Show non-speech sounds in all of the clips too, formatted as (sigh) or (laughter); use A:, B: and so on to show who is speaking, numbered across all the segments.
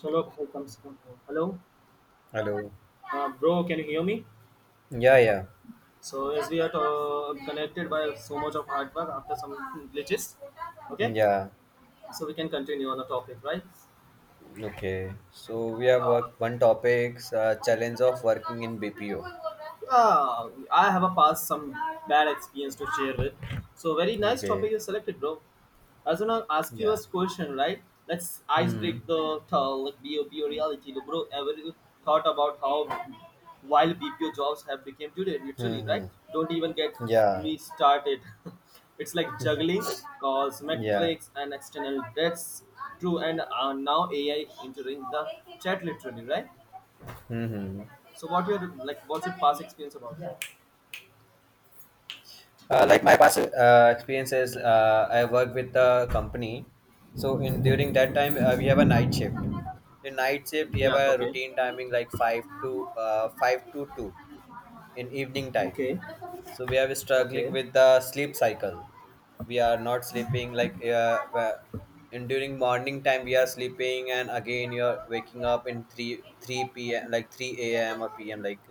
A: चलो फिर कम से कम हो। Hello
B: Hello.
A: Bro, can you hear me?
B: Yeah, yeah,
A: So as we are connected by so much of hard work after some glitches, okay,
B: yeah.
A: so we can continue on the topic, right?
B: Okay. So we
A: uh,
B: have worked one topic, challenge of working in BPO.
A: I have a past some bad experience to share with. So very nice
B: Okay.
A: topic you selected, bro. I was gonna ask you
B: Yeah.
A: a question, right? Let's ice
B: Hmm.
A: break the like be BPO reality, bro. Ever you thought about how while BPO jobs have become today,
B: Hmm.
A: literally, right?
B: Hmm.
A: Don't even get
B: Yeah.
A: me started. (laughs) It's like juggling calls,
B: Yeah.
A: metrics, and external debts. True, and now AI entering the chat literally, right?
B: Hmm. Hmm.
A: So what your like? What's your past experience about?
B: Like my past experiences, I work with the company. So in during that
A: Hmm.
B: time, we have a night shift. In night shift, we have
A: Yeah,
B: a
A: okay.
B: routine timing like five to two in evening time.
A: Okay.
B: So we are struggling
A: Okay.
B: with the sleep cycle. We are not sleeping like in during morning time we are sleeping, and again you are waking up in three p.m. like three a.m. or p.m. like.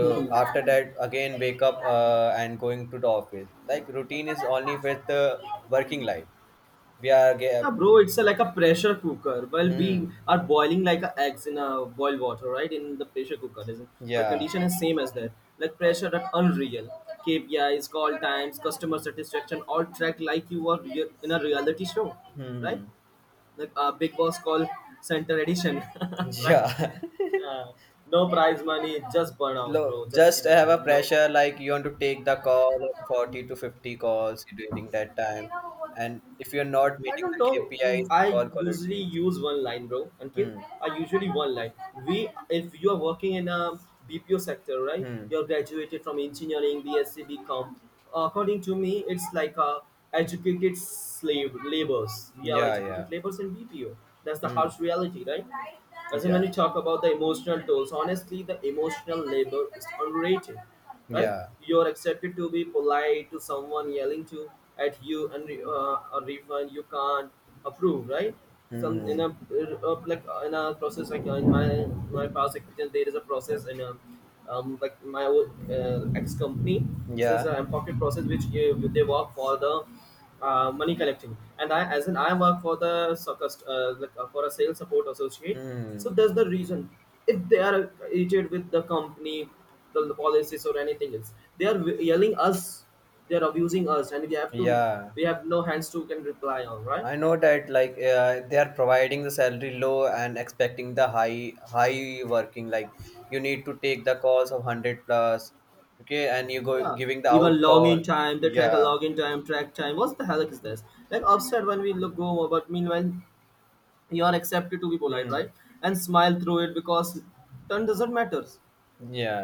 A: (laughs) Mhm.
B: after that, again wake up and going to the office. Like routine is only with the working life. We are ge-
A: Yeah, bro, it's a, like a pressure cooker. Well, we
B: hmm.
A: are boiling like a eggs in a boil water, right? In the pressure cooker, isn't? My
B: Yeah.
A: condition is same as that. Like pressure at unreal. KPIs, call times, customer satisfaction, all tracked like you are real, in a reality show, right?
B: Hmm.
A: Like a Big Boss call center edition, (laughs) right?
B: Yeah. (laughs)
A: Yeah. No prize money, just burnouts,
B: Lo-
A: bro. Just
B: just have
A: seriously,
B: a
A: no.
B: pressure like you want to take the call of 40 to 50 calls during that time, and if you're not
A: I
B: meeting
A: don't
B: the
A: know.
B: KPIs
A: I
B: call
A: usually
B: qualities.
A: use one line, bro. Ankit,
B: Hmm.
A: I usually one line. We, if you are working in a BPO sector, right?
B: Hmm.
A: You are graduated from engineering, BSc, BCom. According to me, it's like a educated slave laborers. We are
B: Yeah. Yeah.
A: educated laborers in BPO. That's the
B: Hmm.
A: harsh reality, right? As in when
B: Yeah.
A: you talk about the emotional tolls, honestly, the emotional labor is underrated, right?
B: Yeah.
A: You're accepted to be polite to someone yelling to at you and a refund you can't approve, right? Some in
B: Hmm.
A: a in a process like in my past experience, there is a process in a like my old, ex company.
B: hmm,
A: There's
B: yeah
A: a pocket process which they work for the money collecting, and I, as in I work for the like, for a sales support associate.
B: Hmm.
A: So that's the reason. If they are irritated with the company, the policies or anything else, they are yelling us, they are abusing us, and we have to,
B: Yeah,
A: we have no hands to can reply on, right?
B: I know that like they are providing the salary low and expecting the high working. Like you need to take the calls of 100 plus, okay, and you go
A: Yeah,
B: giving the
A: even
B: out
A: login
B: call.
A: time they track, a
B: Yeah.
A: login time track time, what the hell is this? Like upset when we look go, but meanwhile you are accepted to be polite,
B: Hmm.
A: right? And smile through it because turn doesn't matter,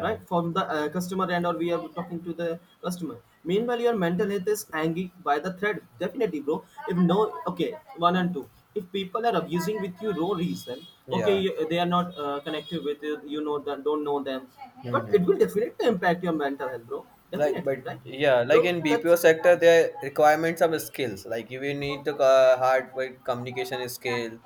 A: right? From the customer end or we are talking to the customer, meanwhile your mental health is hanging by the thread, definitely, bro. If no, okay, one and two, if people are abusing with you no reason, okay,
B: Yeah.
A: you, they are not connected with you, you know that, don't know them, but it
B: Mm-hmm.
A: will definitely impact your mental health, bro,
B: Like, but
A: definitely, right?
B: yeah, like
A: Bro,
B: in
A: that's,
B: BPO sector their requirements are skills like you will need the hard work communication skill,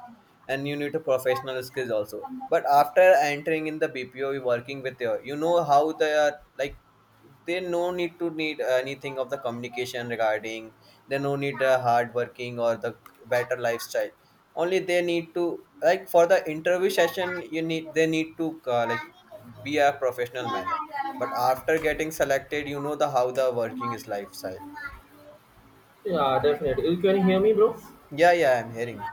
B: and you need a professional skills also. But after entering in the BPO we working with your, you know how they are like, they no need to need anything of the communication regarding. They no need the hard working or the better lifestyle. Only they need to, like for the interview session, you need they need to like be a professional manner. But after getting selected, you know the how the working is lifestyle.
A: yeah, definitely. You can hear me, bro?
B: Yeah, yeah, I'm hearing.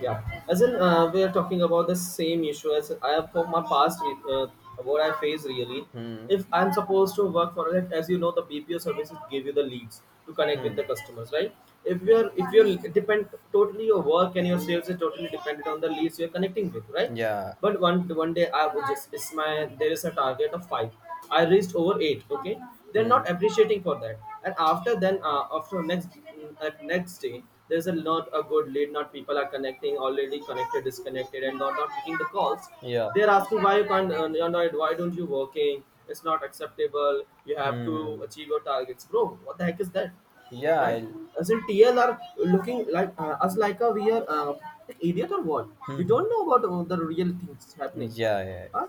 A: Yeah. As in, we are talking about the same issue as I have for my past, what I face really.
B: Hmm.
A: If I'm supposed to work for it, as you know, the BPO services give you the leads to connect with
B: Hmm.
A: the customers, right? If you're depend totally your work and your sales is totally dependent on the leads you're connecting with, right?
B: Yeah.
A: But one day I was just, it's my, there is a target of five, I reached over eight, okay, they're not
B: Hmm.
A: appreciating for that. And after then after next at next day, there's a lot a good lead, not people are connecting, already connected disconnected and not picking the calls.
B: Yeah.
A: They're asking why you can't you're not, why don't you working, it's not acceptable, you have to
B: Hmm.
A: achieve your targets, bro, what the heck is that,
B: Yeah.
A: right?
B: I'll.
A: As in TL are looking like us like a we are idiot or what? We
B: Hmm.
A: don't know about the real things happening.
B: Yeah. Yeah.
A: Uh,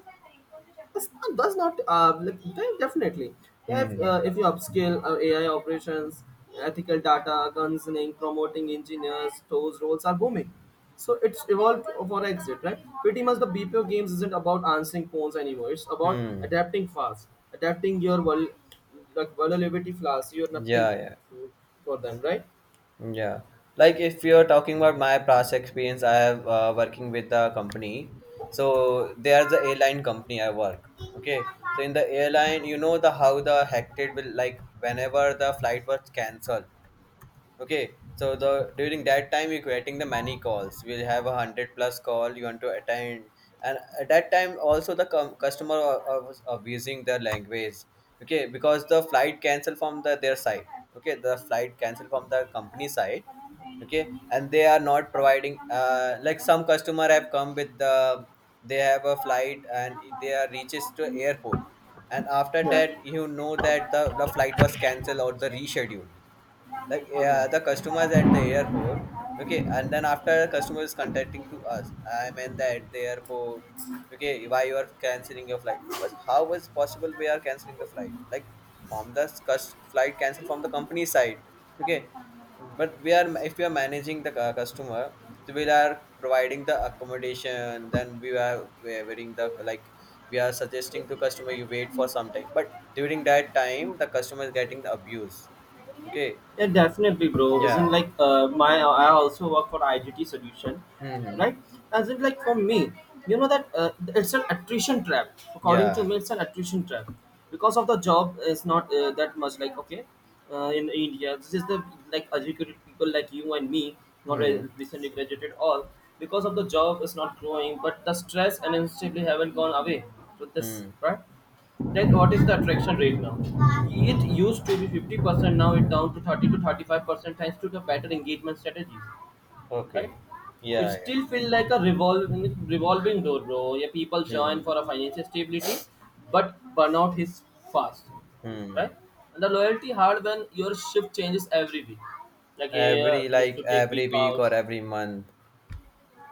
A: that's not definitely. Yeah,
B: Hmm.
A: if you upscale AI operations, ethical data, concerning, promoting engineers, those roles are booming. So it's evolved for exit, right? Pretty much the BPO games isn't about answering phones anymore. It's about
B: Hmm.
A: adapting fast, adapting your like vulnerability flaws. You're
B: Yeah.
A: nothing
B: Yeah.
A: for them, right?
B: Yeah. Like if you're talking about my past experience, I have working with the company. So they are the airline company I work. Okay. So in the airline, you know the how the hectic will, like whenever the flight was cancelled. Okay, so the during that time you're getting the many calls. We'll have a 100 plus call you want to attend, and at that time also the customer was abusing the language. Okay, because the flight cancel from their side. Okay, the flight cancel from the company side. Okay, and they are not providing. Like some customer have come with they have a flight and they are reaches to airport, and after that you know that the flight was cancelled or the rescheduled. Like yeah, the customers at the airport. Okay, and then after customer is contacting to us. I mean that at the airport. Okay, why you are canceling your flight, because how is possible we are canceling the flight? Like from the flight cancel from the company side. Okay, but we are if we are managing the customer, so we are providing the accommodation, then we are wearing the like, we are suggesting to customer you wait for some time, but during that time the customer is getting the abuse. Okay.
A: Yeah, definitely, bro. Isn't
B: Yeah.
A: like my, I also work for IGT solution,
B: Mm-hmm.
A: right? As in like for me, you know that it's an attrition trap. According to
B: Yeah.
A: me, it's an attrition trap because of the job is not that much. Like okay, in India, this is the like educated people like you and me, not
B: Mm-hmm.
A: recently graduated all, because of the job is not growing, but the stress and instability haven't gone away with this,
B: Mm.
A: right? That what is the attraction rate now? It used to be 50%, now it down to 30 to 35% thanks to the better engagement strategies, right?
B: Okay.
A: It
B: Yeah,
A: still
B: yeah.
A: feels like a revolving door, bro. Yeah, people
B: Mm.
A: join for a financial stability, but burnout hits fast,
B: Mm.
A: right? And the loyalty hard when your shift changes every week. Like yeah,
B: Every
A: you have
B: like
A: to take
B: every
A: week
B: week
A: off.
B: or every month.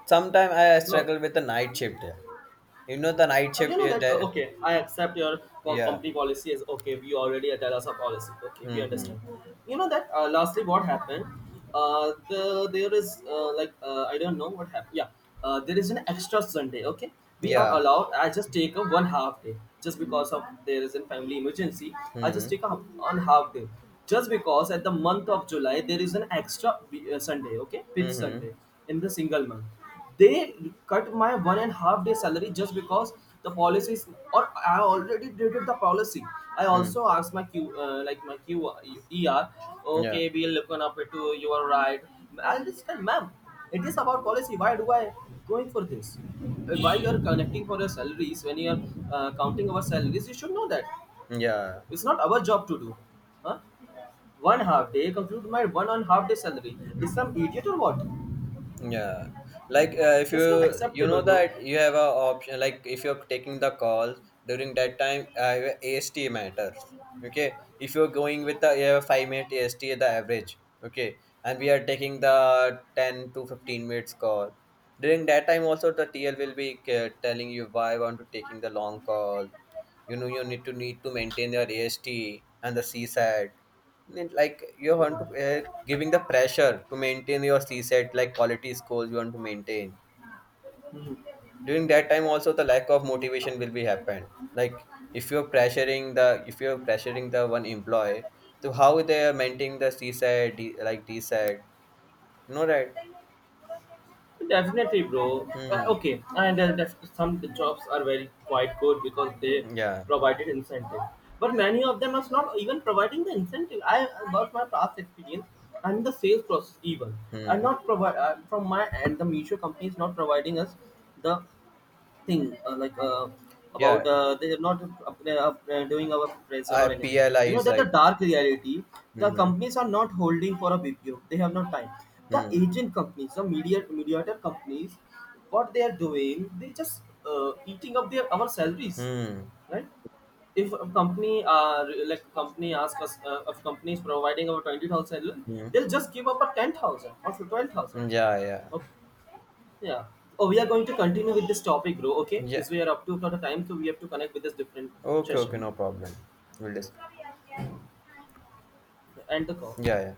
B: Sometimes I
A: No.
B: struggle with the night shift here. You know the night
A: Oh, you
B: shift
A: know
B: is
A: that
B: that,
A: okay, I accept your
B: yeah.
A: company policy is okay, we already tell us a policy, okay, we
B: Mm-hmm.
A: understand. You know that lastly what happened, the there is I don't know what happened, yeah, there is an extra Sunday, okay, we are
B: Yeah.
A: allowed, I just take a one half day just because of there is a family emergency. I just
B: Mm-hmm.
A: take a one half day just because at the month of July there is an extra Sunday, okay, fifth
B: Mm-hmm.
A: Sunday in the single month. They cut my one and half day salary just because the policy is, or I already dated the policy. I
B: Mm.
A: also asked my Q, like my Q, ER,
B: Yeah.
A: okay, we'll look on up it to you are right. I'll just tell, ma'am, it is about policy. Why do I going for this? Why you are connecting for your salaries when you are counting our salaries? You should know that
B: Yeah.
A: it's not our job to do, huh? One half day compute my one and half day salary. Is some idiot or what?
B: Yeah, like if you
A: That's not
B: you know
A: acceptable, bro.
B: that you have a option, like if you're taking the calls during that time, AST matters. Okay, if you're going with the 5 minute AST, the average. Okay, and we are taking the 10 to 15 minutes call. During that time, also the TL will be telling you why I want to taking the long call. You know you need to maintain your AST and the CSAT then, like you want to giving the pressure to maintain your C set, like quality scores you want to maintain. During that time also the lack of motivation will be happen, like if you're pressuring the, one employee to how they are maintaining the CSET D, like DSET, you know, right.
A: Definitely, bro.
B: Hmm.
A: Okay, and some jobs are very quite good because they
B: Yeah.
A: provided incentive. But many of them are not even providing the incentive. I about my past experience and the sales process even. I'm
B: Hmm.
A: not provide from my end. The Misho company is not providing us the thing
B: Yeah.
A: about they are not doing our appraisal or anything,
B: PLI
A: you know
B: is
A: that, the
B: like.
A: dark reality. The
B: Hmm.
A: companies are not holding for a BPO, they have no time. The
B: Hmm.
A: agent companies, the media mediator companies, what they are doing, they just eating up their our salaries,
B: Hmm.
A: right? If a company like company ask us if company is providing our 20,000 salary,
B: Hmm.
A: they'll just give up a 10,000 or 12,000,
B: Yeah. Yeah.
A: okay. Yeah. Oh, we are going to continue with this topic, bro. Okay,
B: Yeah.
A: is we are up to for the time, so we have to connect with this different
B: Okay. Okay,
A: session
B: no problem, we'll discuss.
A: and the call.
B: Yeah, yeah.